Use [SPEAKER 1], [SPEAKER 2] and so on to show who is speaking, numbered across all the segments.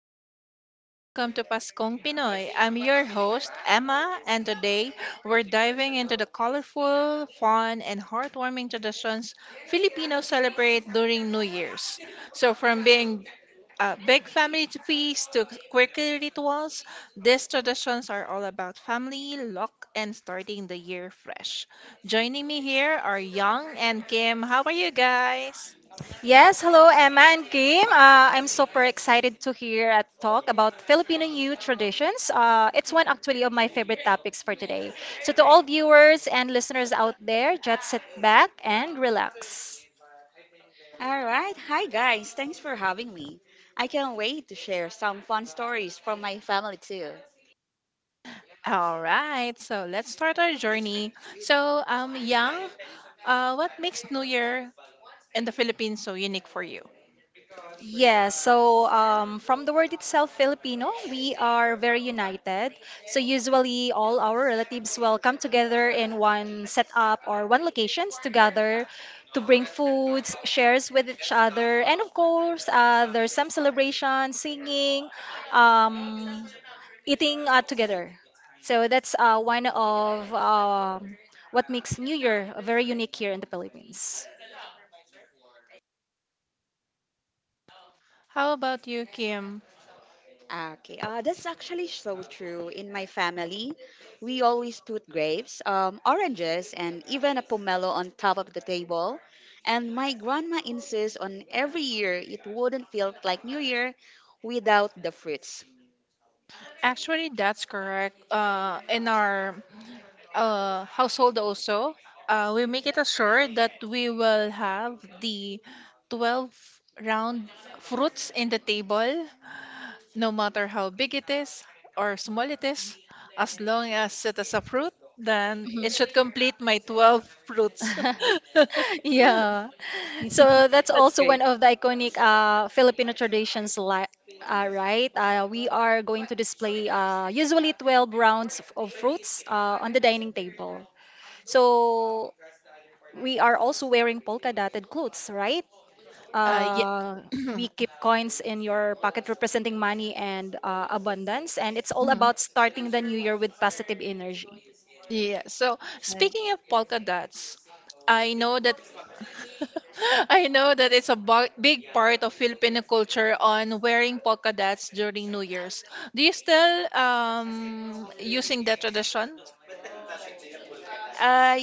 [SPEAKER 1] everyone, and welcome to Paskong Pinoy. I'm your host, Emma, and today we're diving into the colorful, fun, and heartwarming traditions Filipinos celebrate during New Year's. So, from being big family to feast to quirky rituals, these traditions are all about family, luck, and starting the year fresh. Joining me here are Young and Kim. How are you guys?
[SPEAKER 2] Yes, hello Emma and Kim. I'm super excited to hear a talk about Filipino youth traditions. It's one actually of my favorite topics for today. So to all viewers and listeners out there, just sit back and relax.
[SPEAKER 3] All right. Hi, guys. Thanks for having me. I can't wait to share some fun stories from my family, too.
[SPEAKER 1] All right, so let's start our journey. So, Yang, what makes New Year in the Philippines so unique for you?
[SPEAKER 2] Yes, so from the word itself, Filipino, we are very united. So usually all our relatives will come together in one setup or one locations together to bring foods, shares with each other, and of course there's some celebration, singing, um, eating together. So that's one of what makes New Year very unique here in the Philippines.
[SPEAKER 1] How about you, Kim?
[SPEAKER 3] Okay, that's actually so true. In my family, we always put grapes, oranges, and even a pomelo on top of the table. And my grandma insists on every year, it wouldn't feel like New Year without the fruits.
[SPEAKER 1] Actually, that's correct. In our household also, we make it assured that we will have the 12 round fruits in the table no matter how big it is or small it is, as long as it is a fruit, then it should
[SPEAKER 2] Mhm.
[SPEAKER 1] complete my 12 fruits.
[SPEAKER 2] Yeah. So that's
[SPEAKER 3] That's
[SPEAKER 2] also
[SPEAKER 3] great.
[SPEAKER 2] one of the iconic Filipino traditions, li right? We are going to display usually 12 rounds of fruits on the dining table. So we are also wearing polka dotted clothes, right?
[SPEAKER 1] Yeah.
[SPEAKER 2] Uh, we keep coins in your pocket representing money and abundance, and it's all
[SPEAKER 1] Mhm.
[SPEAKER 2] about starting the new year with positive energy.
[SPEAKER 1] Yeah. So
[SPEAKER 3] Uh,
[SPEAKER 1] speaking of polka dots, I know that I know that it's a big part of Filipino culture on wearing polka dots during New Year's. Do you still using that tradition?
[SPEAKER 3] uh,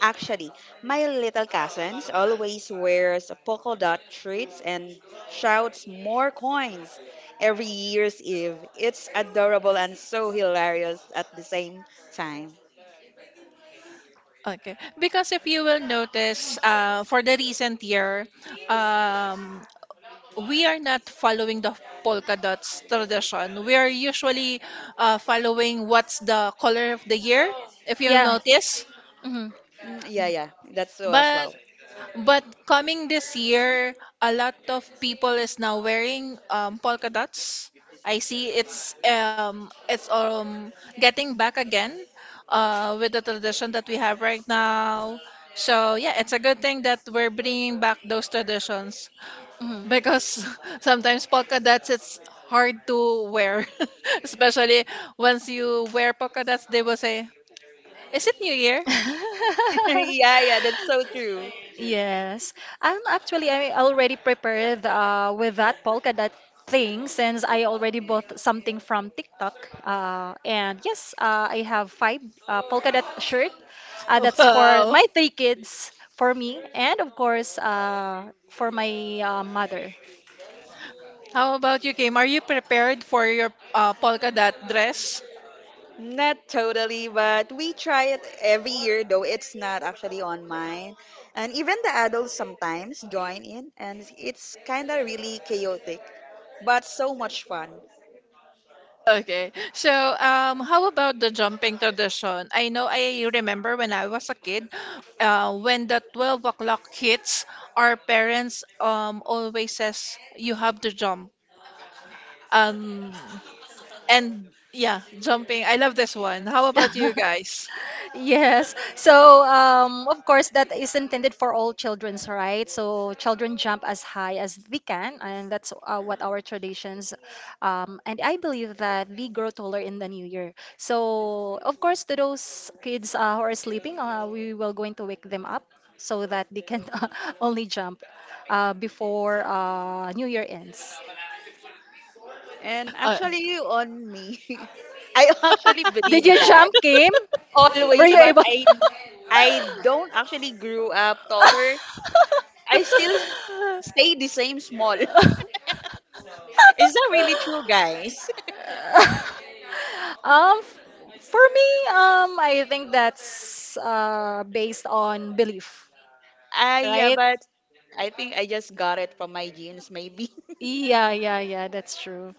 [SPEAKER 3] Actually, my little cousins always wears polka dot treats and shouts more coins every year's eve. It's adorable and so hilarious at the same time.
[SPEAKER 1] Okay. Because if you will notice, for the recent year, um, we are not following the polka dots tradition. We are usually following what's the color of the year, if you'll
[SPEAKER 2] Yeah.
[SPEAKER 1] notice.
[SPEAKER 2] Hmm.
[SPEAKER 3] Mm, yeah, yeah, that's so as
[SPEAKER 1] But
[SPEAKER 3] well.
[SPEAKER 1] but coming this year, a lot of people is now wearing polka dots. I see it's getting back again with the tradition that we have right now. So yeah, it's a good thing that we're bringing back those traditions because sometimes polka dots it's hard to wear, especially once you wear polka dots, they will say, "Is it New Year?"
[SPEAKER 3] Yeah, yeah, that's so true.
[SPEAKER 2] Yes, I already prepared with that polka dot thing since I already bought something from TikTok. And yes, I have five polka dot shirt. Uh, that's for
[SPEAKER 1] Wow.
[SPEAKER 2] my three kids, for me, and of course for my mother.
[SPEAKER 1] How about you, Kim? Are you prepared for your polka dot dress?
[SPEAKER 3] Not totally, but we try it every year, though it's not actually on mine. And even the adults sometimes join in, and it's kind of really chaotic, but so much fun.
[SPEAKER 1] Okay. So, how about the jumping tradition? I know I remember when I was a kid, when the 12 o'clock hits, our parents always says, you have to jump. Um, and yeah, jumping. I love this one. How about you guys?
[SPEAKER 2] Yes. So, of course, that is intended for all children's, right? So, children jump as high as they can, and that's what our traditions. And I believe that we grow taller in the new year. So, of course, to those kids who are sleeping, we will going to wake them up so that they can only jump before New Year ends.
[SPEAKER 3] And
[SPEAKER 1] Uh,
[SPEAKER 3] actually, you on me. I actually believe
[SPEAKER 2] Did you
[SPEAKER 3] that
[SPEAKER 2] jump, Kim? Were
[SPEAKER 3] always,
[SPEAKER 2] you
[SPEAKER 3] but
[SPEAKER 2] able?
[SPEAKER 3] I don't actually grew up taller. I still stay the same small. Is that really true, guys?
[SPEAKER 2] um, f- for me, I think that's based on belief,
[SPEAKER 3] I Yeah,
[SPEAKER 2] right?
[SPEAKER 3] but I think I just got it from my genes, maybe.
[SPEAKER 2] Yeah, yeah, yeah, that's true.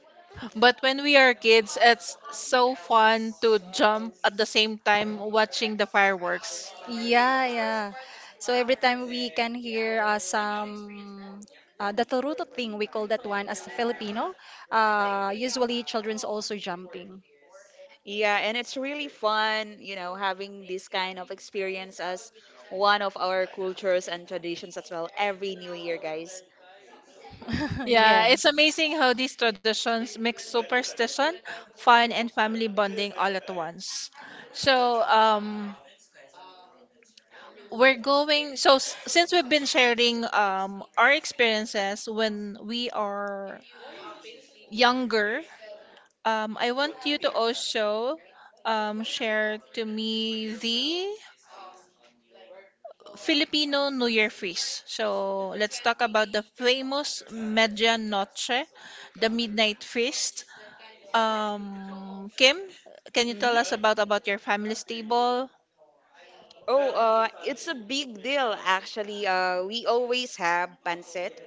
[SPEAKER 1] but when we are kids, it's so fun to jump at the same time watching the fireworks.
[SPEAKER 2] Yeah, yeah. So every time we can hear some the turuto thing, we call that one as Filipino. Usually children's also jumping.
[SPEAKER 3] Yeah, and it's really fun, having this kind of experience as one of our cultures and traditions as well every New Year, guys.
[SPEAKER 1] Yeah, it's
[SPEAKER 2] Yes.
[SPEAKER 1] amazing how these traditions mix superstition, fun, and family bonding all at once. So, we're going. So, since we've been sharing our experiences when we are younger, I want you to also share to me the Filipino New Year feast. So, let's talk about the famous Media Noche, the Midnight Feast. Kim, can you tell
[SPEAKER 3] Mm-hmm.
[SPEAKER 1] us about your family's table?
[SPEAKER 3] Oh, it's a big deal actually. We always have pancit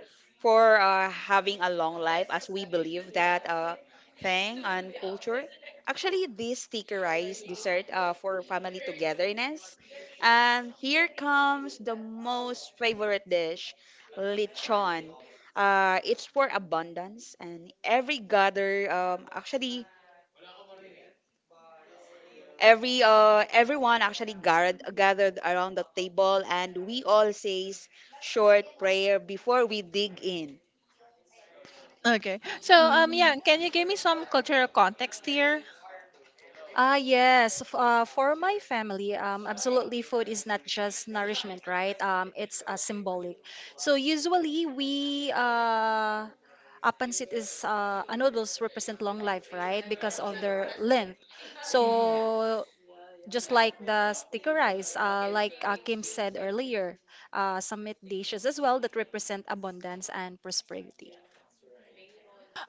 [SPEAKER 3] for having a long life, as we believe that thing and culture. Actually, this stickerized dessert for family togetherness. And here comes the most favorite dish, lechon. It's for abundance, and every gather actually every everyone actually gathered around the table, and we all says short prayer before we dig in.
[SPEAKER 1] Okay. So, yeah,
[SPEAKER 2] Mm.
[SPEAKER 1] can you give me some cultural context here?
[SPEAKER 2] Ah, yes. For my family, absolutely, food is not just nourishment, right? It's symbolic. So usually we apansit is noodles represent long life, right? Because of their length. So just like the sticker rice, like Kim said earlier, some meat dishes as well that represent abundance and prosperity.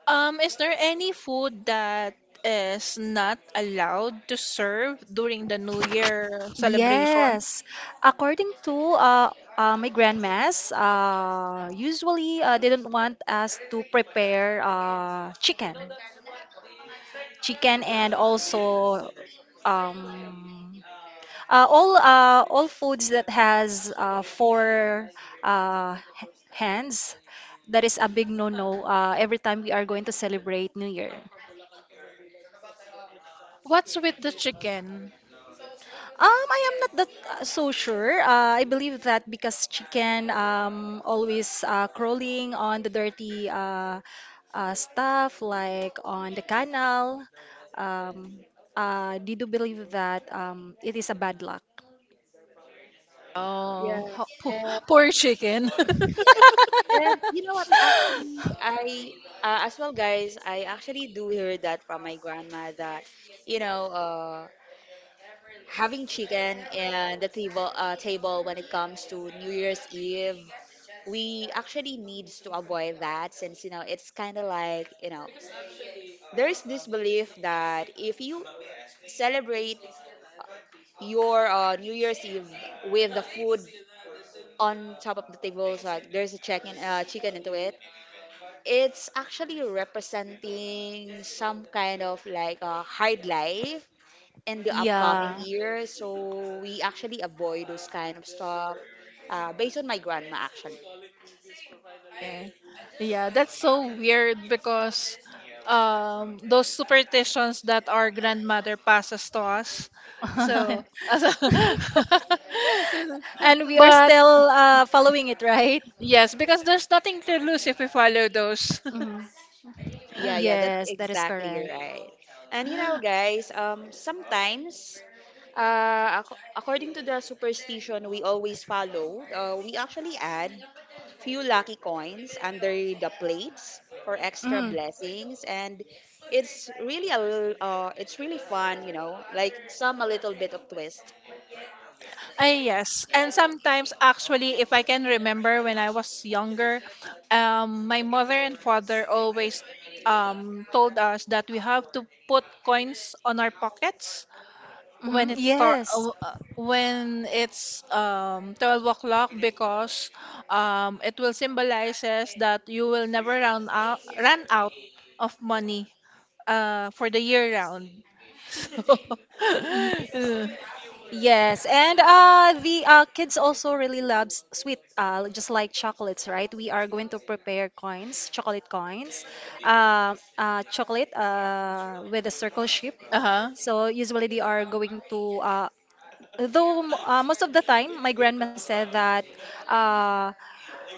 [SPEAKER 1] Is there any food that is not allowed to serve during the New Year celebration?
[SPEAKER 2] Yes, according to my grandmas, usually they don't want us to prepare chicken, and also um, all foods that has four hands. That is a big no-no every time we are going to celebrate New Year.
[SPEAKER 1] What's with the chicken?
[SPEAKER 2] I am not that so sure. I believe that because chicken always crawling on the dirty stuff like on the canal. Um, did you believe that it is a bad luck?
[SPEAKER 3] Yeah.
[SPEAKER 1] Oh,
[SPEAKER 3] And,
[SPEAKER 1] poor chicken.
[SPEAKER 3] yeah. And you know what? Actually, I as well, guys. I actually do hear that from my grandma that, you know, uh, having chicken and the table when it comes to New Year's Eve, we actually needs to avoid that, since it's kind of like, there is this belief that if you celebrate your New Year's Eve with the food on top of the tables. Like there's a chicken into it. It's actually representing some kind of like a hard life in the upcoming
[SPEAKER 2] Yeah.
[SPEAKER 3] year. So we actually avoid those kind of stuff. Based on my grandma actually.
[SPEAKER 1] Eh, Yeah, that's so weird because those superstitions that our grandmother passes to us. So
[SPEAKER 2] And we are
[SPEAKER 1] but
[SPEAKER 2] still following it, right?
[SPEAKER 1] yes, because there's nothing to lose if we follow those.
[SPEAKER 2] Mhm.
[SPEAKER 3] Yeah, yeah, that's
[SPEAKER 2] Yes, that is
[SPEAKER 3] exactly
[SPEAKER 2] correct.
[SPEAKER 3] right. And you know, guys, sometimes, according to the superstition we always follow, we actually add few lucky coins under the plates for extra
[SPEAKER 2] Hmm.
[SPEAKER 3] blessings, and it's really fun, like some a little bit of twist.
[SPEAKER 1] Ay, yes. And sometimes, actually, if I can remember when I was younger, my mother and father always told us that we have to put coins on our pockets when
[SPEAKER 2] Hmm.
[SPEAKER 1] it start
[SPEAKER 2] Yes.
[SPEAKER 1] when it's 12 o'clock because it will symbolizes that you will never run out of money for the year round so
[SPEAKER 2] Y-
[SPEAKER 1] uh,
[SPEAKER 2] Yes, and the kids also really loves sweet, just like chocolates, right? We are going to prepare coins, chocolate with a circle shape.
[SPEAKER 1] uh-huh.
[SPEAKER 2] So usually they are going to, though most of the time, my grandma said that uh,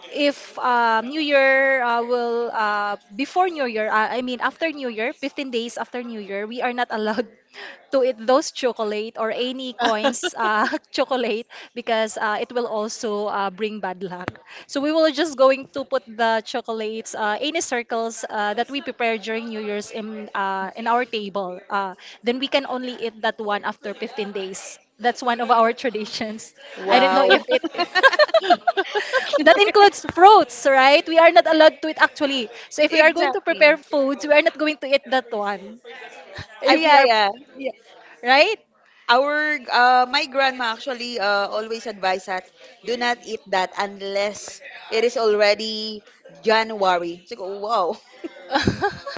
[SPEAKER 2] if New Year will before New Year, I mean after New Year, 15 days after New Year, we are not allowed to eat those chocolate or any coins chocolate because it will also bring bad luck. So we will just going to put the chocolates, any circles that we prepare during New Year's in our table. Then we can only eat that one after 15 days. That's one of our traditions. I don't know if
[SPEAKER 3] Wow.
[SPEAKER 2] it. That includes fruits, right? We are not allowed to eat actually. So if we are going to
[SPEAKER 3] Exactly.
[SPEAKER 2] prepare foods, we are not going to eat that one. If we
[SPEAKER 3] Yeah,
[SPEAKER 2] are,
[SPEAKER 3] yeah.
[SPEAKER 2] yeah, right?
[SPEAKER 3] Our My grandma actually always advised that, do not eat that unless it is already January. It's like, wow.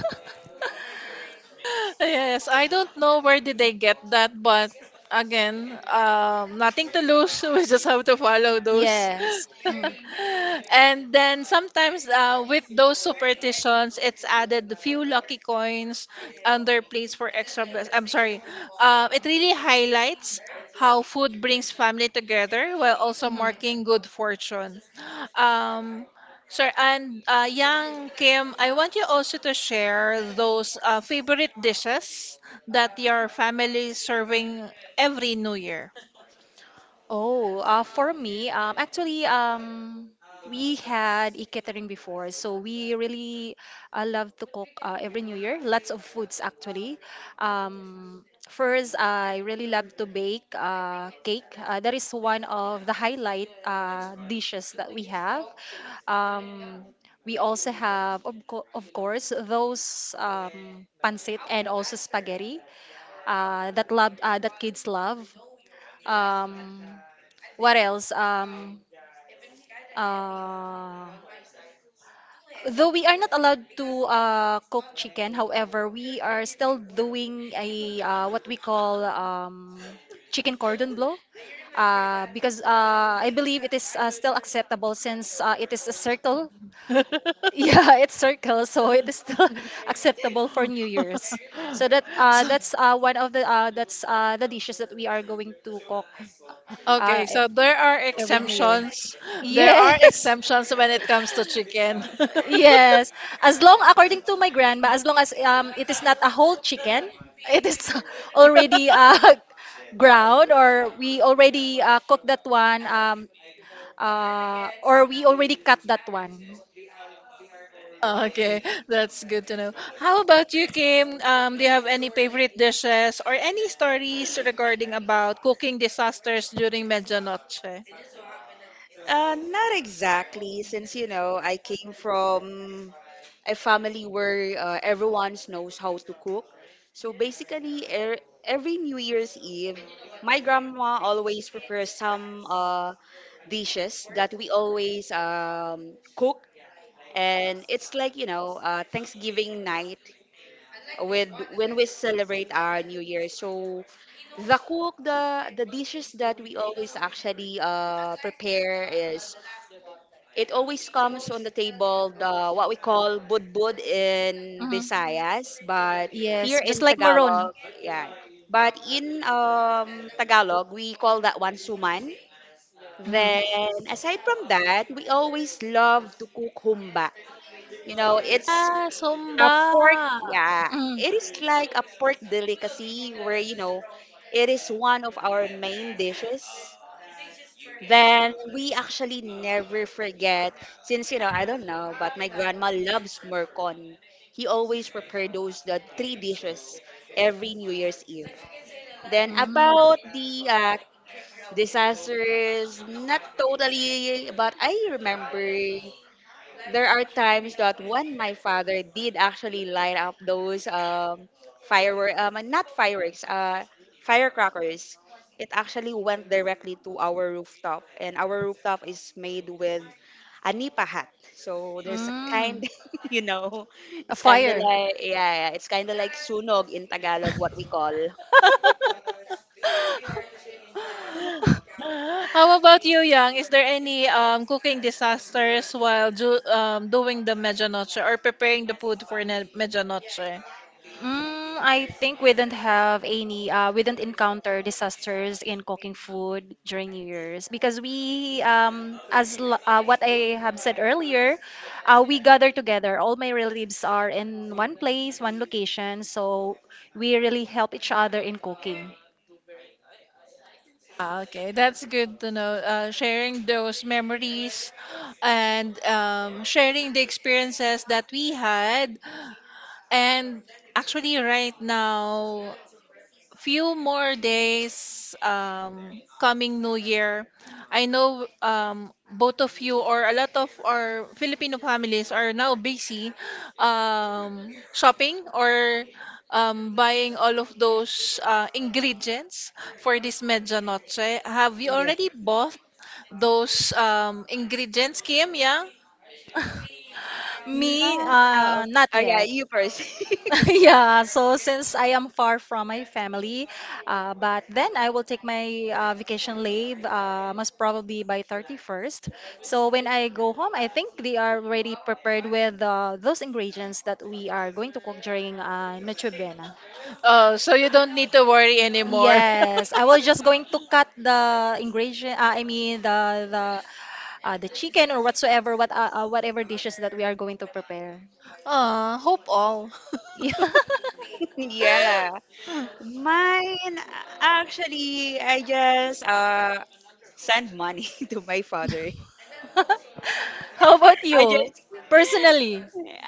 [SPEAKER 1] Yes, I don't know where did they get that, but again, nothing to lose. We just have to follow those.
[SPEAKER 2] Yes. Mm.
[SPEAKER 1] And then sometimes with those superstitions, it's added few lucky coins under plates for extra bless. I'm sorry. It really highlights how food brings family together while also
[SPEAKER 2] Mhm.
[SPEAKER 1] marking good fortune. Um, Sir, and Yang Kim, I want you also to share those favorite dishes that your family is serving every New Year.
[SPEAKER 2] Oh, for me, actually, we had a catering before, so we really love to cook every New Year. Lots of foods, actually. First, I really love to bake cake. That is one of the highlight dishes that we have. Um, we also have, of course, those pancit and also spaghetti that kids love. Um, what else? Uh, though we are not allowed to cook chicken, however, we are still doing a what we call chicken cordon bleu. Because I believe it is still acceptable since it is a circle. Yeah, it's circle, so it is still acceptable for New Year's. So that's one of the that's the dishes that we are going to cook uh,
[SPEAKER 1] Okay,
[SPEAKER 2] e-
[SPEAKER 1] so there are
[SPEAKER 2] every New Year.
[SPEAKER 1] exemptions. There are
[SPEAKER 2] Yes.
[SPEAKER 1] exemptions when it comes to chicken.
[SPEAKER 2] Yes, as long according to my grandma, as long as it is not a whole chicken, it is already ground or we already cooked that one or we already cut that one.
[SPEAKER 1] Okay, that's good to know. How about you, Kim? Do you have any favorite dishes or any stories regarding about cooking disasters during Medianoche?
[SPEAKER 3] Not exactly, since I came from a family where everyone knows how to cook. So basically, every New Year's Eve, my grandma always prepares some dishes that we always cook, and it's like, Thanksgiving night with when we celebrate our New Year. So the cook the dishes that we always actually prepare is, it always comes on the table, the what we call budbud in
[SPEAKER 2] Hmm.
[SPEAKER 3] Visayas, but
[SPEAKER 2] Yes,
[SPEAKER 3] here
[SPEAKER 2] just
[SPEAKER 3] in
[SPEAKER 2] like maroon.
[SPEAKER 3] Tagalog, yeah. But in Tagalog, we call that one suman.
[SPEAKER 2] Hmm.
[SPEAKER 3] Then, aside from that, we always love to cook humba. You know, it's
[SPEAKER 1] Ah,
[SPEAKER 3] a
[SPEAKER 1] Sumba.
[SPEAKER 3] pork. Yeah,
[SPEAKER 2] Mm.
[SPEAKER 3] it is like a pork delicacy where, it is one of our main dishes. Then we actually never forget, since, I don't know, but my grandma loves murkon. He always prepared those the three dishes every New Year's Eve. Then
[SPEAKER 2] Mm.
[SPEAKER 3] about the disasters, not totally, but I remember there are times that when my father did actually light up those firework not fireworks firecrackers. It actually went directly to our rooftop, and our rooftop is made with a nipa hat, so there's a
[SPEAKER 2] Mm.
[SPEAKER 3] kind. You know,
[SPEAKER 2] A
[SPEAKER 3] it's kind of
[SPEAKER 2] fire.
[SPEAKER 3] like, yeah, yeah, it's kind of like sunog in Tagalog, what we call.
[SPEAKER 1] How about you, Yang? Is there any cooking disasters while doing the medianoche or preparing the food for medianoche?
[SPEAKER 2] Mm. I think we didn't have any, we didn't encounter disasters in cooking food during New Year's because we, what I have said earlier, we gather together. All my relatives are in one place, one location, so we really help each other in cooking.
[SPEAKER 1] Ah, okay, that's good to know. Sharing those memories and sharing the experiences that we had. And actually, right now, few more days coming new year. I know, both of you or a lot of our Filipino families are now busy, shopping or buying all of those ingredients for this medja noche. Have you
[SPEAKER 3] Yeah.
[SPEAKER 1] already bought those ingredients, Kim? Yeah.
[SPEAKER 2] Me,
[SPEAKER 3] Ma- oh,
[SPEAKER 2] not
[SPEAKER 3] oh yeah,
[SPEAKER 2] yet.
[SPEAKER 3] you first.
[SPEAKER 2] Yeah, so since I am far from my family, but then I will take my vacation leave most probably by 31st. So when I go home, I think they are already prepared with those ingredients that we are going to cook during Noche Buena.
[SPEAKER 1] Oh, so you don't need to worry anymore.
[SPEAKER 2] Yes, I was just going to cut the ingredient, I mean the the chicken or whatsoever whatever dishes that we are going to prepare.
[SPEAKER 1] Hope all
[SPEAKER 2] Yeah.
[SPEAKER 3] Yeah. Mine, actually, I just send money to my father.
[SPEAKER 2] How about
[SPEAKER 3] I
[SPEAKER 2] you,
[SPEAKER 3] just
[SPEAKER 2] personally,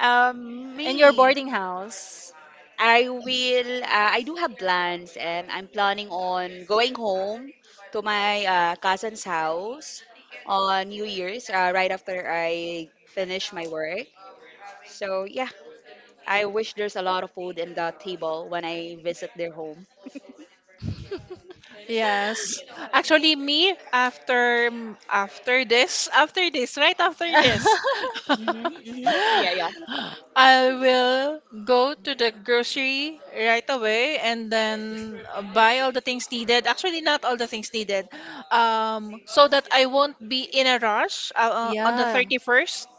[SPEAKER 2] in your
[SPEAKER 3] me.
[SPEAKER 2] boarding house?
[SPEAKER 3] I will. I do have plans, and I'm planning on going home to my cousin's house on New Year's, right after I finish my work. So yeah, I wish there's a lot of food in the table when I visit their home.
[SPEAKER 1] yes. Actually, me after after this, right after this,
[SPEAKER 3] Mm-hmm, mm-hmm. Yeah, yeah.
[SPEAKER 1] I will go to the grocery right away and then buy all the things needed. Actually, not all the things needed. So that I won't be in a rush on the
[SPEAKER 2] Yeah.
[SPEAKER 1] 31st,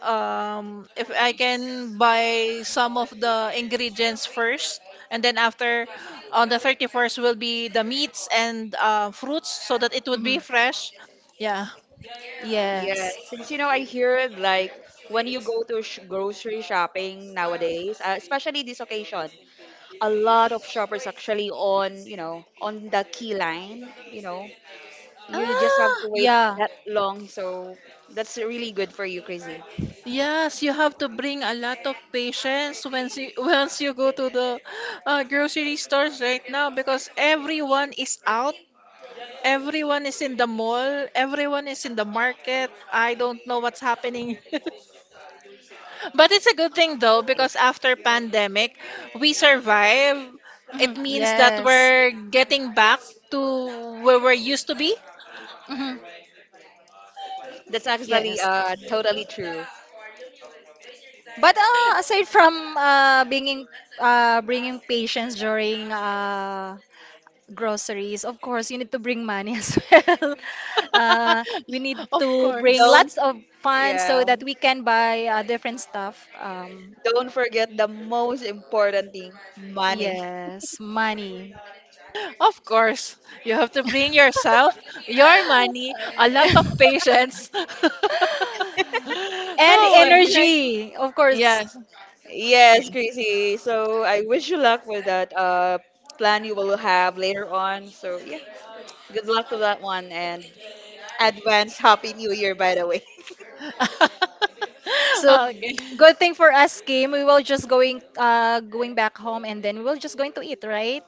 [SPEAKER 1] if I can buy some of the ingredients first and then after on the 31st will be the meats and fruits so that it would
[SPEAKER 2] Hmm.
[SPEAKER 1] be fresh. Yeah.
[SPEAKER 3] Yes,
[SPEAKER 2] Yes.
[SPEAKER 3] since, I hear like, when you go to sh grocery shopping nowadays, especially this occasion, a lot of shoppers actually on, on the key line, you just have to
[SPEAKER 1] Ah,
[SPEAKER 3] wait
[SPEAKER 2] Yeah.
[SPEAKER 3] that long. So that's really good for you, Crazy.
[SPEAKER 1] yes, you have to bring a lot of patience once you once you go to the grocery stores right now because everyone is out. Everyone is in the mall, everyone is in the market. I don't know what's happening. But it's a good thing though because after pandemic, we survive. It
[SPEAKER 2] Hmm.
[SPEAKER 1] means that
[SPEAKER 2] Yes.
[SPEAKER 1] we're getting back to where we're used to be.
[SPEAKER 2] Hmm.
[SPEAKER 3] That's actually
[SPEAKER 2] Yes.
[SPEAKER 3] totally true.
[SPEAKER 2] But aside from bringing patients during groceries. Of course, you need to bring money as well. We need
[SPEAKER 1] Of
[SPEAKER 2] to bring
[SPEAKER 1] course.
[SPEAKER 3] Don't,
[SPEAKER 2] lots of funds
[SPEAKER 3] Yeah,
[SPEAKER 2] so that we can buy different stuff. Um,
[SPEAKER 3] don't forget the most important thing, money.
[SPEAKER 2] yes, money.
[SPEAKER 1] Of course. You have to bring yourself, your money, a lot of patience.
[SPEAKER 2] And
[SPEAKER 1] Oh my god.
[SPEAKER 3] Exactly.
[SPEAKER 2] energy, of course.
[SPEAKER 1] Yes.
[SPEAKER 3] Yes,
[SPEAKER 1] Yeah.
[SPEAKER 3] Gracie. So I wish you luck with that plan you will have later on. So yeah, good luck to that one, and advance Happy New Year, by the way.
[SPEAKER 2] So
[SPEAKER 1] okay.
[SPEAKER 2] good thing for us, Kim. We will just going back home and then we will just going to eat, right?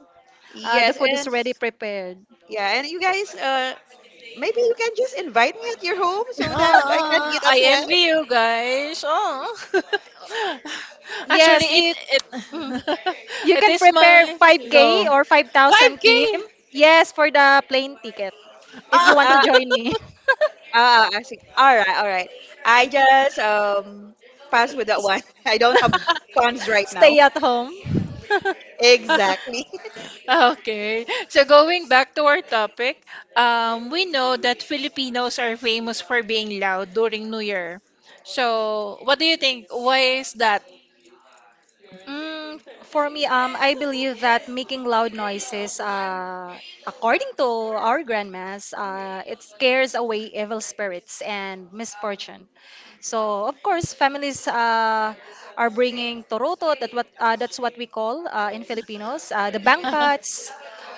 [SPEAKER 2] The
[SPEAKER 3] Yes,
[SPEAKER 2] food is
[SPEAKER 3] and
[SPEAKER 2] already prepared.
[SPEAKER 3] yeah, and you guys, maybe you can just invite me at your home so that I can eat
[SPEAKER 1] Ah,
[SPEAKER 3] as
[SPEAKER 1] I
[SPEAKER 3] well.
[SPEAKER 1] envy you guys. Oh. Actually,
[SPEAKER 2] Yes,
[SPEAKER 1] it
[SPEAKER 2] mm,
[SPEAKER 1] it
[SPEAKER 2] you
[SPEAKER 1] it
[SPEAKER 2] can
[SPEAKER 1] is
[SPEAKER 2] prepare
[SPEAKER 1] my go.
[SPEAKER 2] 5K or 5,000 Kim.
[SPEAKER 1] 5K.
[SPEAKER 2] Yes, for the plane ticket. If you
[SPEAKER 1] Ah.
[SPEAKER 2] want to
[SPEAKER 3] Uh,
[SPEAKER 2] join me.
[SPEAKER 3] I see. All right, all right. I just pass with that one. I don't have funds right now.
[SPEAKER 2] Stay at home.
[SPEAKER 3] Exactly.
[SPEAKER 1] Okay. So going back to our topic, we know that Filipinos are famous for being loud during New Year. So, what do you think? Why is that?
[SPEAKER 2] Mm, for me, I believe that making loud noises, according to our grandmas, it scares away evil spirits and misfortune. So of course, families are bringing toroto. That's what we call in Filipinos the bangpats,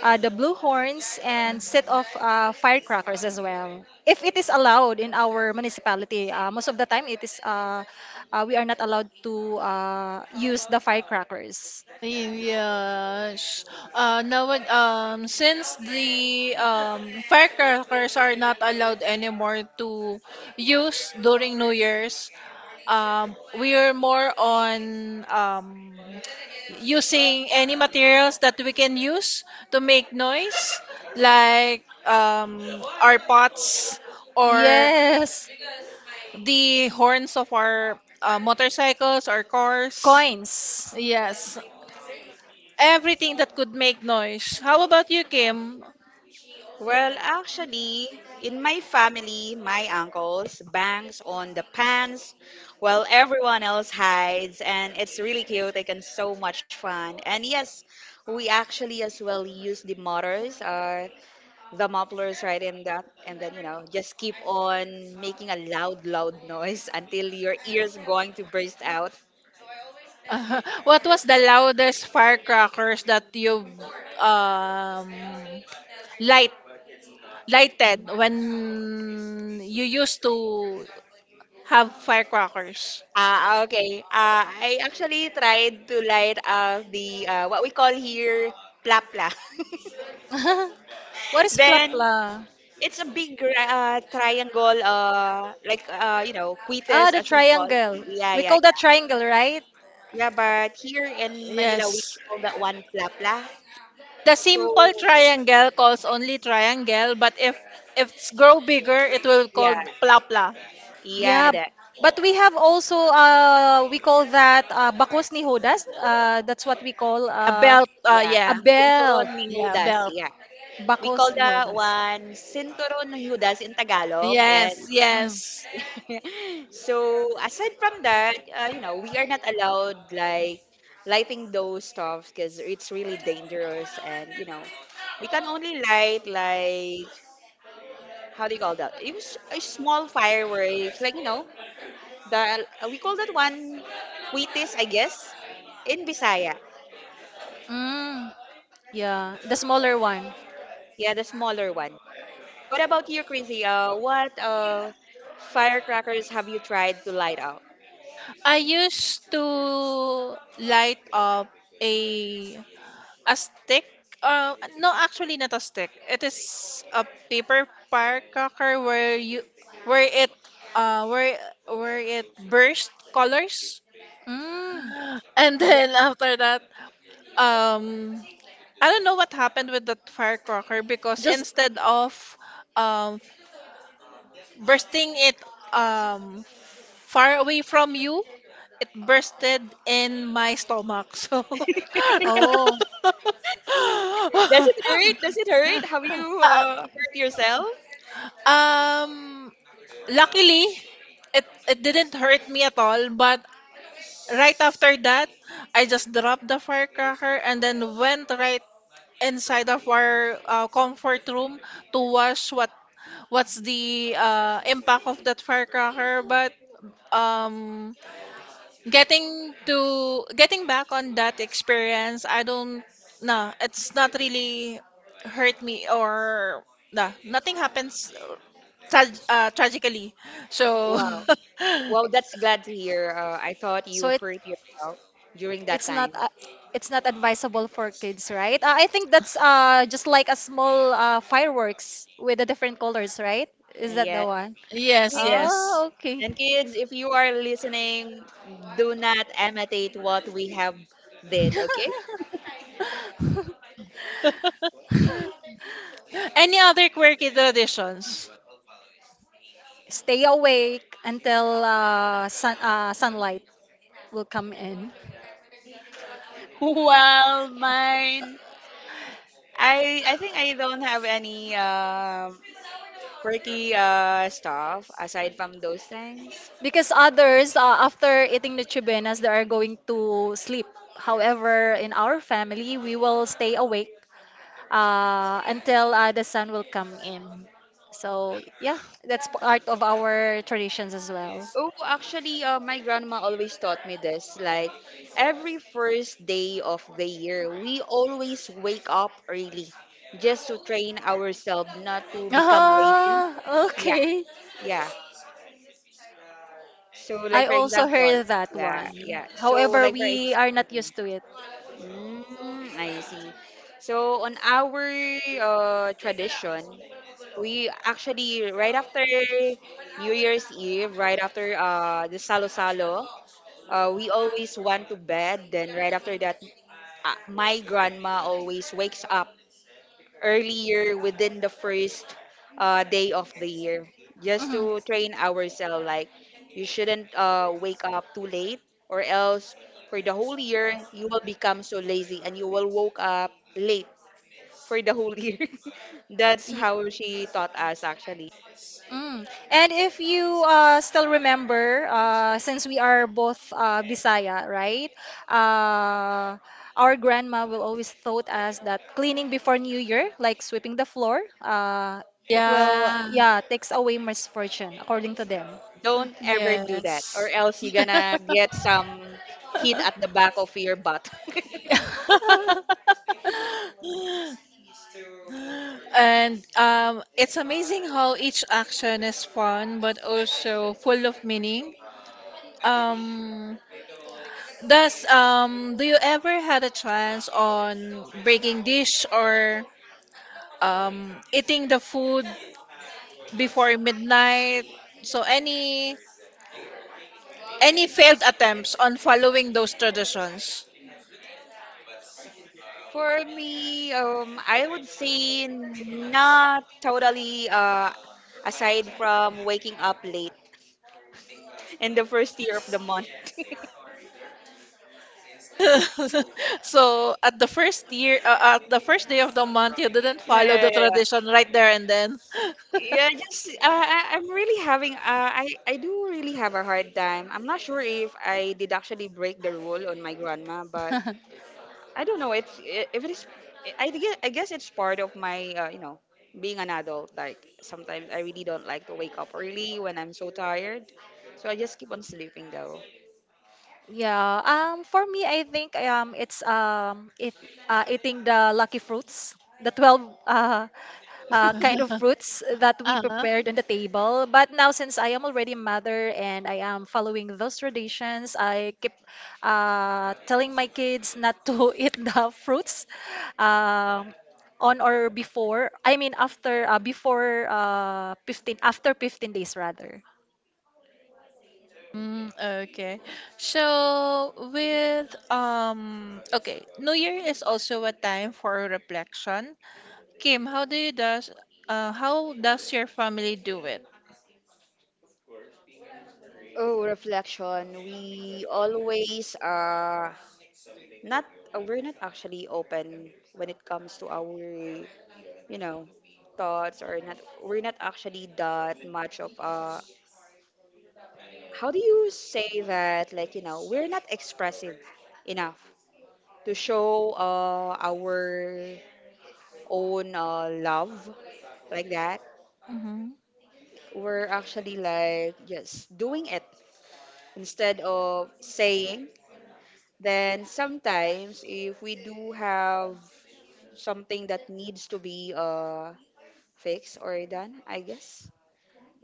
[SPEAKER 2] the blue horns, and set off firecrackers as well. If it is allowed in our municipality, most of the time it is we are not allowed to use the firecrackers.
[SPEAKER 1] Yes. Now, since the firecrackers are not allowed anymore to use during New Year's, we are more on using any materials that we can use to make noise, like our pots or
[SPEAKER 2] Yes,
[SPEAKER 1] the horns of our motorcycles or cars.
[SPEAKER 2] coins.
[SPEAKER 1] Yes. Everything that could make noise. How about you, Kim?
[SPEAKER 3] Well, actually, in my family, my uncles bangs on the pants while everyone else hides, and it's really chaotic and so much fun. And yes, we actually as well use the motors, the mufflers, right in that, and then, just keep on making a loud, loud noise until your ears going to burst out.
[SPEAKER 1] What was the loudest firecrackers that you've um, light lighted when you used to have firecrackers?
[SPEAKER 3] Ah, okay. I actually tried to light up the, what we call here, plapla.
[SPEAKER 2] What is
[SPEAKER 3] Then
[SPEAKER 2] plapla?
[SPEAKER 3] it's a big triangle, like, quites,
[SPEAKER 2] Ah, the
[SPEAKER 3] as we call.
[SPEAKER 2] triangle.
[SPEAKER 3] Yeah,
[SPEAKER 2] We
[SPEAKER 3] yeah,
[SPEAKER 2] call that triangle, right?
[SPEAKER 3] yeah. But here in Manila, we
[SPEAKER 1] Yes.
[SPEAKER 3] call that one plapla.
[SPEAKER 1] The simple
[SPEAKER 3] So
[SPEAKER 1] triangle calls only triangle, but if it's grow bigger, it will call
[SPEAKER 3] yeah,
[SPEAKER 1] plapla.
[SPEAKER 3] yeah,
[SPEAKER 2] Yeah,
[SPEAKER 3] that
[SPEAKER 2] but we have also we call that bakos ni Judas. That's what we call
[SPEAKER 1] A belt.
[SPEAKER 3] yeah.
[SPEAKER 2] a
[SPEAKER 1] Yeah.
[SPEAKER 2] belt.
[SPEAKER 3] Cinturon ni
[SPEAKER 1] Yeah,
[SPEAKER 3] Judas,
[SPEAKER 1] belt.
[SPEAKER 3] yeah. We
[SPEAKER 2] Bakos
[SPEAKER 3] call
[SPEAKER 2] ni
[SPEAKER 3] that
[SPEAKER 2] Judas.
[SPEAKER 3] one Cinturon ni Judas in Tagalog. And
[SPEAKER 1] Yes,
[SPEAKER 2] Mm.
[SPEAKER 1] yes.
[SPEAKER 3] so aside from that, we are not allowed like lighting those stuff, because it's really dangerous, and, we can only light like, how do you call that? It was a small fireworks, like, the we call that one witis, I guess, in Bisaya.
[SPEAKER 2] Mm. Yeah, the smaller one.
[SPEAKER 3] Yeah, the smaller one. What about you, Crazy? What firecrackers have you tried to light out?
[SPEAKER 1] I used to light up a a stick. No, actually not a stick. It is a paper firecracker where it where where it burst colors.
[SPEAKER 2] Mm.
[SPEAKER 1] And then after that, um, I don't know what happened with that firecracker because
[SPEAKER 2] Just.
[SPEAKER 1] instead of um bursting it um far away from you, it bursted in my stomach. So,
[SPEAKER 2] Oh.
[SPEAKER 3] Does it hurt? Does it hurt? Have you
[SPEAKER 1] Uh,
[SPEAKER 3] hurt yourself?
[SPEAKER 1] um, luckily, it it didn't hurt me at all. But right after that, I just dropped the firecracker and then went right inside of our comfort room to watch what's the impact of that firecracker. But um getting back on that experience, I don't, nah, it's not really hurt me or nah, nothing happens, tragically. So
[SPEAKER 2] Mm.
[SPEAKER 3] Wow. Well, that's glad to hear. I thought
[SPEAKER 2] So
[SPEAKER 3] you hurt yourself during that
[SPEAKER 2] it's not
[SPEAKER 3] time.
[SPEAKER 2] uh, it's not advisable for kids, right? I think that's just like a small fireworks with the different colors, right? Is that
[SPEAKER 3] Yeah.
[SPEAKER 2] the one?
[SPEAKER 1] yes,
[SPEAKER 3] kids
[SPEAKER 1] yes,
[SPEAKER 2] Oh, okay.
[SPEAKER 3] kids, if you are listening, do not imitate what we have did. Okay.
[SPEAKER 1] any other quirky traditions?
[SPEAKER 2] Stay awake until sunlight will come in.
[SPEAKER 3] Well, mine. I think I don't have any quirky stuff aside from those things.
[SPEAKER 2] Because others, after eating the chubenas, they are going to sleep. However, in our family, we will stay awake until the sun will come in. So, yeah, that's part of our traditions as well.
[SPEAKER 3] Oh, actually, my grandma always taught me this. Like, every first day of the year, we always wake up early just to train ourselves not to become lazy.
[SPEAKER 2] Ah,
[SPEAKER 3] Yeah,
[SPEAKER 2] okay.
[SPEAKER 3] yeah. So, like
[SPEAKER 2] I
[SPEAKER 3] for
[SPEAKER 2] also
[SPEAKER 3] example,
[SPEAKER 2] heard that
[SPEAKER 3] yeah,
[SPEAKER 2] one.
[SPEAKER 3] yeah. So,
[SPEAKER 2] However,
[SPEAKER 3] like for
[SPEAKER 2] we are not
[SPEAKER 3] example,
[SPEAKER 2] used to it.
[SPEAKER 3] I see. So, on our tradition, we actually, right after New Year's Eve, right after the Salo Salo, we always went to bed. Then right after that, my grandma always wakes up earlier within the first day of the year, just
[SPEAKER 2] Mhm.
[SPEAKER 3] to train ourselves. Like, you shouldn't wake up too late, or else for the whole year you will become so lazy and you will woke up late for the whole year. That's
[SPEAKER 2] Y-
[SPEAKER 3] how she taught us actually.
[SPEAKER 2] Mm. And if you still remember, since we are both Bisaya, right? Uh, our grandma will always taught us that cleaning before New Year, like sweeping the floor, it will,
[SPEAKER 1] Yeah.
[SPEAKER 2] yeah, takes away misfortune, according to them.
[SPEAKER 3] Don't ever do that, or
[SPEAKER 1] Yes.
[SPEAKER 3] else you're gonna get some heat at the back of your butt.
[SPEAKER 1] And it's amazing how each action is fun but also full of meaning. um Does do you ever had a chance on breaking dish or eating the food before midnight? So any failed attempts on following those traditions?
[SPEAKER 3] For me, I would say not totally, aside from waking up late in the first year of the month.
[SPEAKER 1] So at the first year at the first day of the month you didn't
[SPEAKER 3] Yeah,
[SPEAKER 1] follow the
[SPEAKER 3] yeah, yeah.
[SPEAKER 1] tradition right there and then.
[SPEAKER 3] Yeah, yeah, just I, I'm really having I do really have a hard time. I'm not sure if I did actually break the rule on my grandma, but I don't know. It's if it is. I guess, it's part of my, being an adult. Like sometimes I really don't like to wake up early when I'm so tired, so I just keep on sleeping though.
[SPEAKER 2] Yeah. For me, I think eating the lucky fruits, the 12 uh, kind of fruits that we
[SPEAKER 1] Uh-huh.
[SPEAKER 2] prepared on the table. But now, since I am already a mother and I am following those traditions, I keep telling my kids not to eat the fruits um, on or before. I mean, after before 15 after 15 days rather.
[SPEAKER 1] Mm, okay. So with New Year is also a time for reflection. Kim, how do you does how does your family do it?
[SPEAKER 3] Oh, reflection. We always Not we're not actually open when it comes to our, you know thoughts or not. We're not actually that much of a. How do you say that? Like, we're not expressive enough to show our own love like that.
[SPEAKER 1] Mm-hmm.
[SPEAKER 3] We're actually like, just doing it instead of saying. Then sometimes if we do have something that needs to be fixed or done, I guess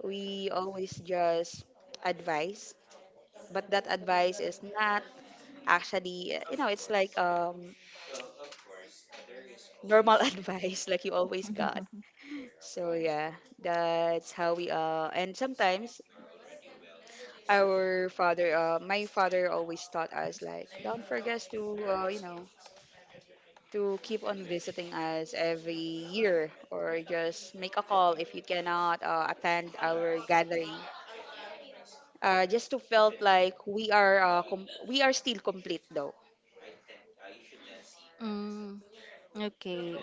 [SPEAKER 3] we always just advise. But that advice is not actually, it's like, normal advice like you always got. So yeah, that's how we and sometimes our father my father always taught us like, don't forget to you know to keep on visiting us every year, or just make a call if you cannot attend our gathering. Just to felt like we are still complete though.
[SPEAKER 2] Mm, okay.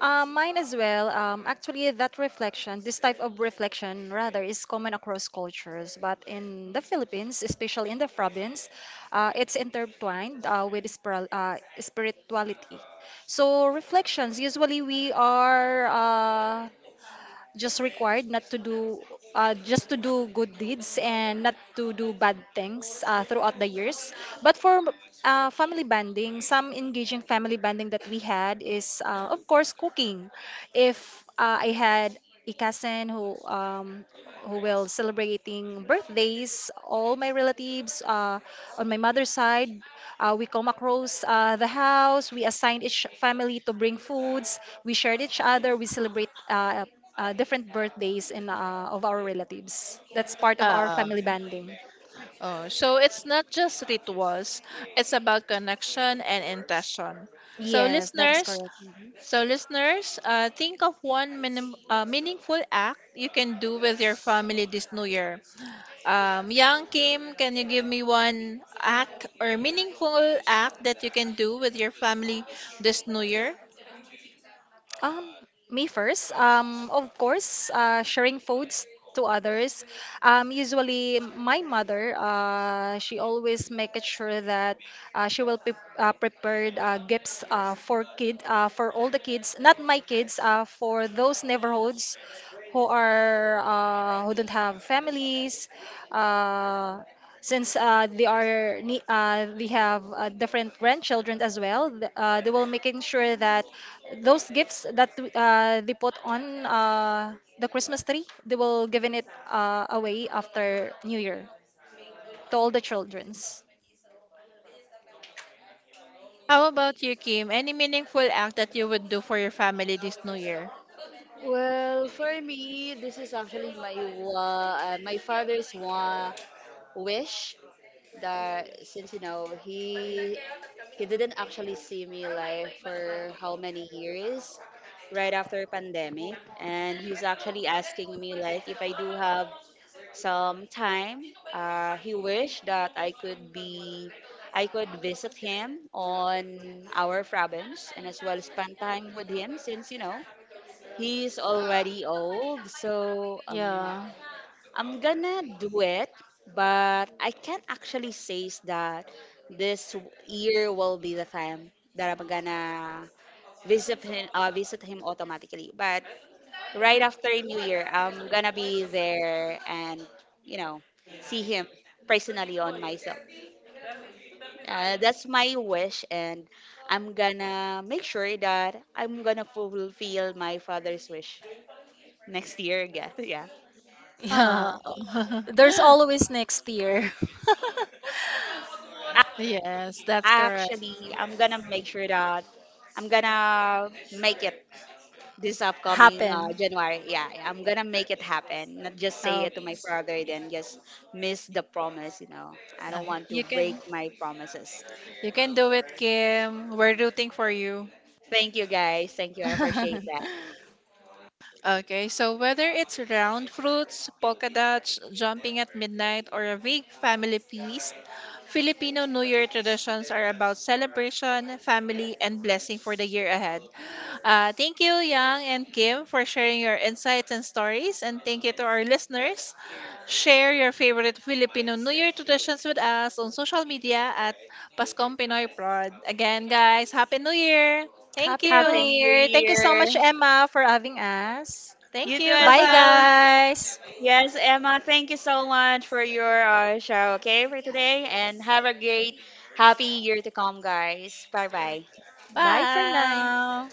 [SPEAKER 2] Mine as well. Actually, that reflection, this type of reflection, rather, is common across cultures. But in the Philippines, especially in the province, it's intertwined with spirituality. So reflections, usually we are just required not to do just to do good deeds and not to do bad things throughout the years but for family bonding some engaging family bonding that we had is of course cooking. If I had a cousin who will celebrating birthdays. All my relatives on my mother's side, we come across the house. We assign each family to bring foods. We shared each other. We celebrate different birthdays in of our relatives. That's part of our
[SPEAKER 1] Um,
[SPEAKER 2] family banding.
[SPEAKER 1] oh, so it's not just rituals, it's about connection and intention. So
[SPEAKER 2] Yes, that is
[SPEAKER 1] listeners,
[SPEAKER 2] correct.
[SPEAKER 1] think of one minim meaningful act you can do with your family this new year. Young Kim, can you give me one act or meaningful act that you can do with your family this new year?
[SPEAKER 2] Um, me first. Of course, sharing foods to others. Usually, my mother, she always make it sure that she will prepared gifts for all the kids, not my kids, for those neighborhoods who don't have families. Uh, since they have different grandchildren as well they will making sure that those gifts that they put on the christmas tree they will giving it away after new year to all the childrens.
[SPEAKER 1] How about you, Kim? Any meaningful act that you would do for your family this New Year?
[SPEAKER 3] Well, for me, this is actually my father's one wish that, since he didn't actually see me live for how many years right after pandemic. And he's actually asking me like, if I do have some time, he wished that I could visit him on our province, and as well spend time with him since, he's already old, so
[SPEAKER 2] Yeah.
[SPEAKER 3] I'm gonna do it, but I can't actually say is that this year will be the time that I'm gonna visit him automatically. But right after New Year, I'm gonna be there, and, you know see him personally on myself. That's my wish, and I'm gonna make sure that I'm gonna fulfill my father's wish next year again. Yeah.
[SPEAKER 1] Ah,
[SPEAKER 2] Yeah. There's always next year.
[SPEAKER 1] yes, that's correct.
[SPEAKER 3] Actually, I'm gonna make sure that I'm gonna make it this upcoming
[SPEAKER 2] Happen.
[SPEAKER 3] January. Yeah, yeah, I'm gonna make it happen. Not just say
[SPEAKER 2] Oh.
[SPEAKER 3] it to my father, then just miss the promise. You know, I
[SPEAKER 1] Ah,
[SPEAKER 3] don't want to
[SPEAKER 1] you
[SPEAKER 3] break
[SPEAKER 1] can
[SPEAKER 3] my promises.
[SPEAKER 1] you can do it, Kim. We're rooting for you.
[SPEAKER 3] Thank you, guys. Thank you. I appreciate that.
[SPEAKER 1] Okay, so whether it's round fruits, polka dots, jumping at midnight, or a big family feast, Filipino New Year traditions are about celebration, family, and blessing for the year ahead. Thank you, Yang and Kim, for sharing your insights and stories, and thank you to our listeners. Share your favorite Filipino New Year traditions with us on social media at Pascom Pinoy Prod. Again, guys, Happy New Year! Thank
[SPEAKER 2] Happy new
[SPEAKER 3] Happy
[SPEAKER 1] you!
[SPEAKER 3] New
[SPEAKER 2] year, thank you so much
[SPEAKER 3] Year.
[SPEAKER 2] Emma for having us.
[SPEAKER 3] You
[SPEAKER 1] Thank
[SPEAKER 3] too
[SPEAKER 1] you!
[SPEAKER 3] as
[SPEAKER 2] Bye,
[SPEAKER 3] well.
[SPEAKER 1] Bye-bye!
[SPEAKER 2] guys.
[SPEAKER 3] Yes, Emma, thank you so much for your show, okay, for today. And have a great, happy year to come, guys. Bye bye.
[SPEAKER 2] Bye for
[SPEAKER 1] Bye.
[SPEAKER 2] now.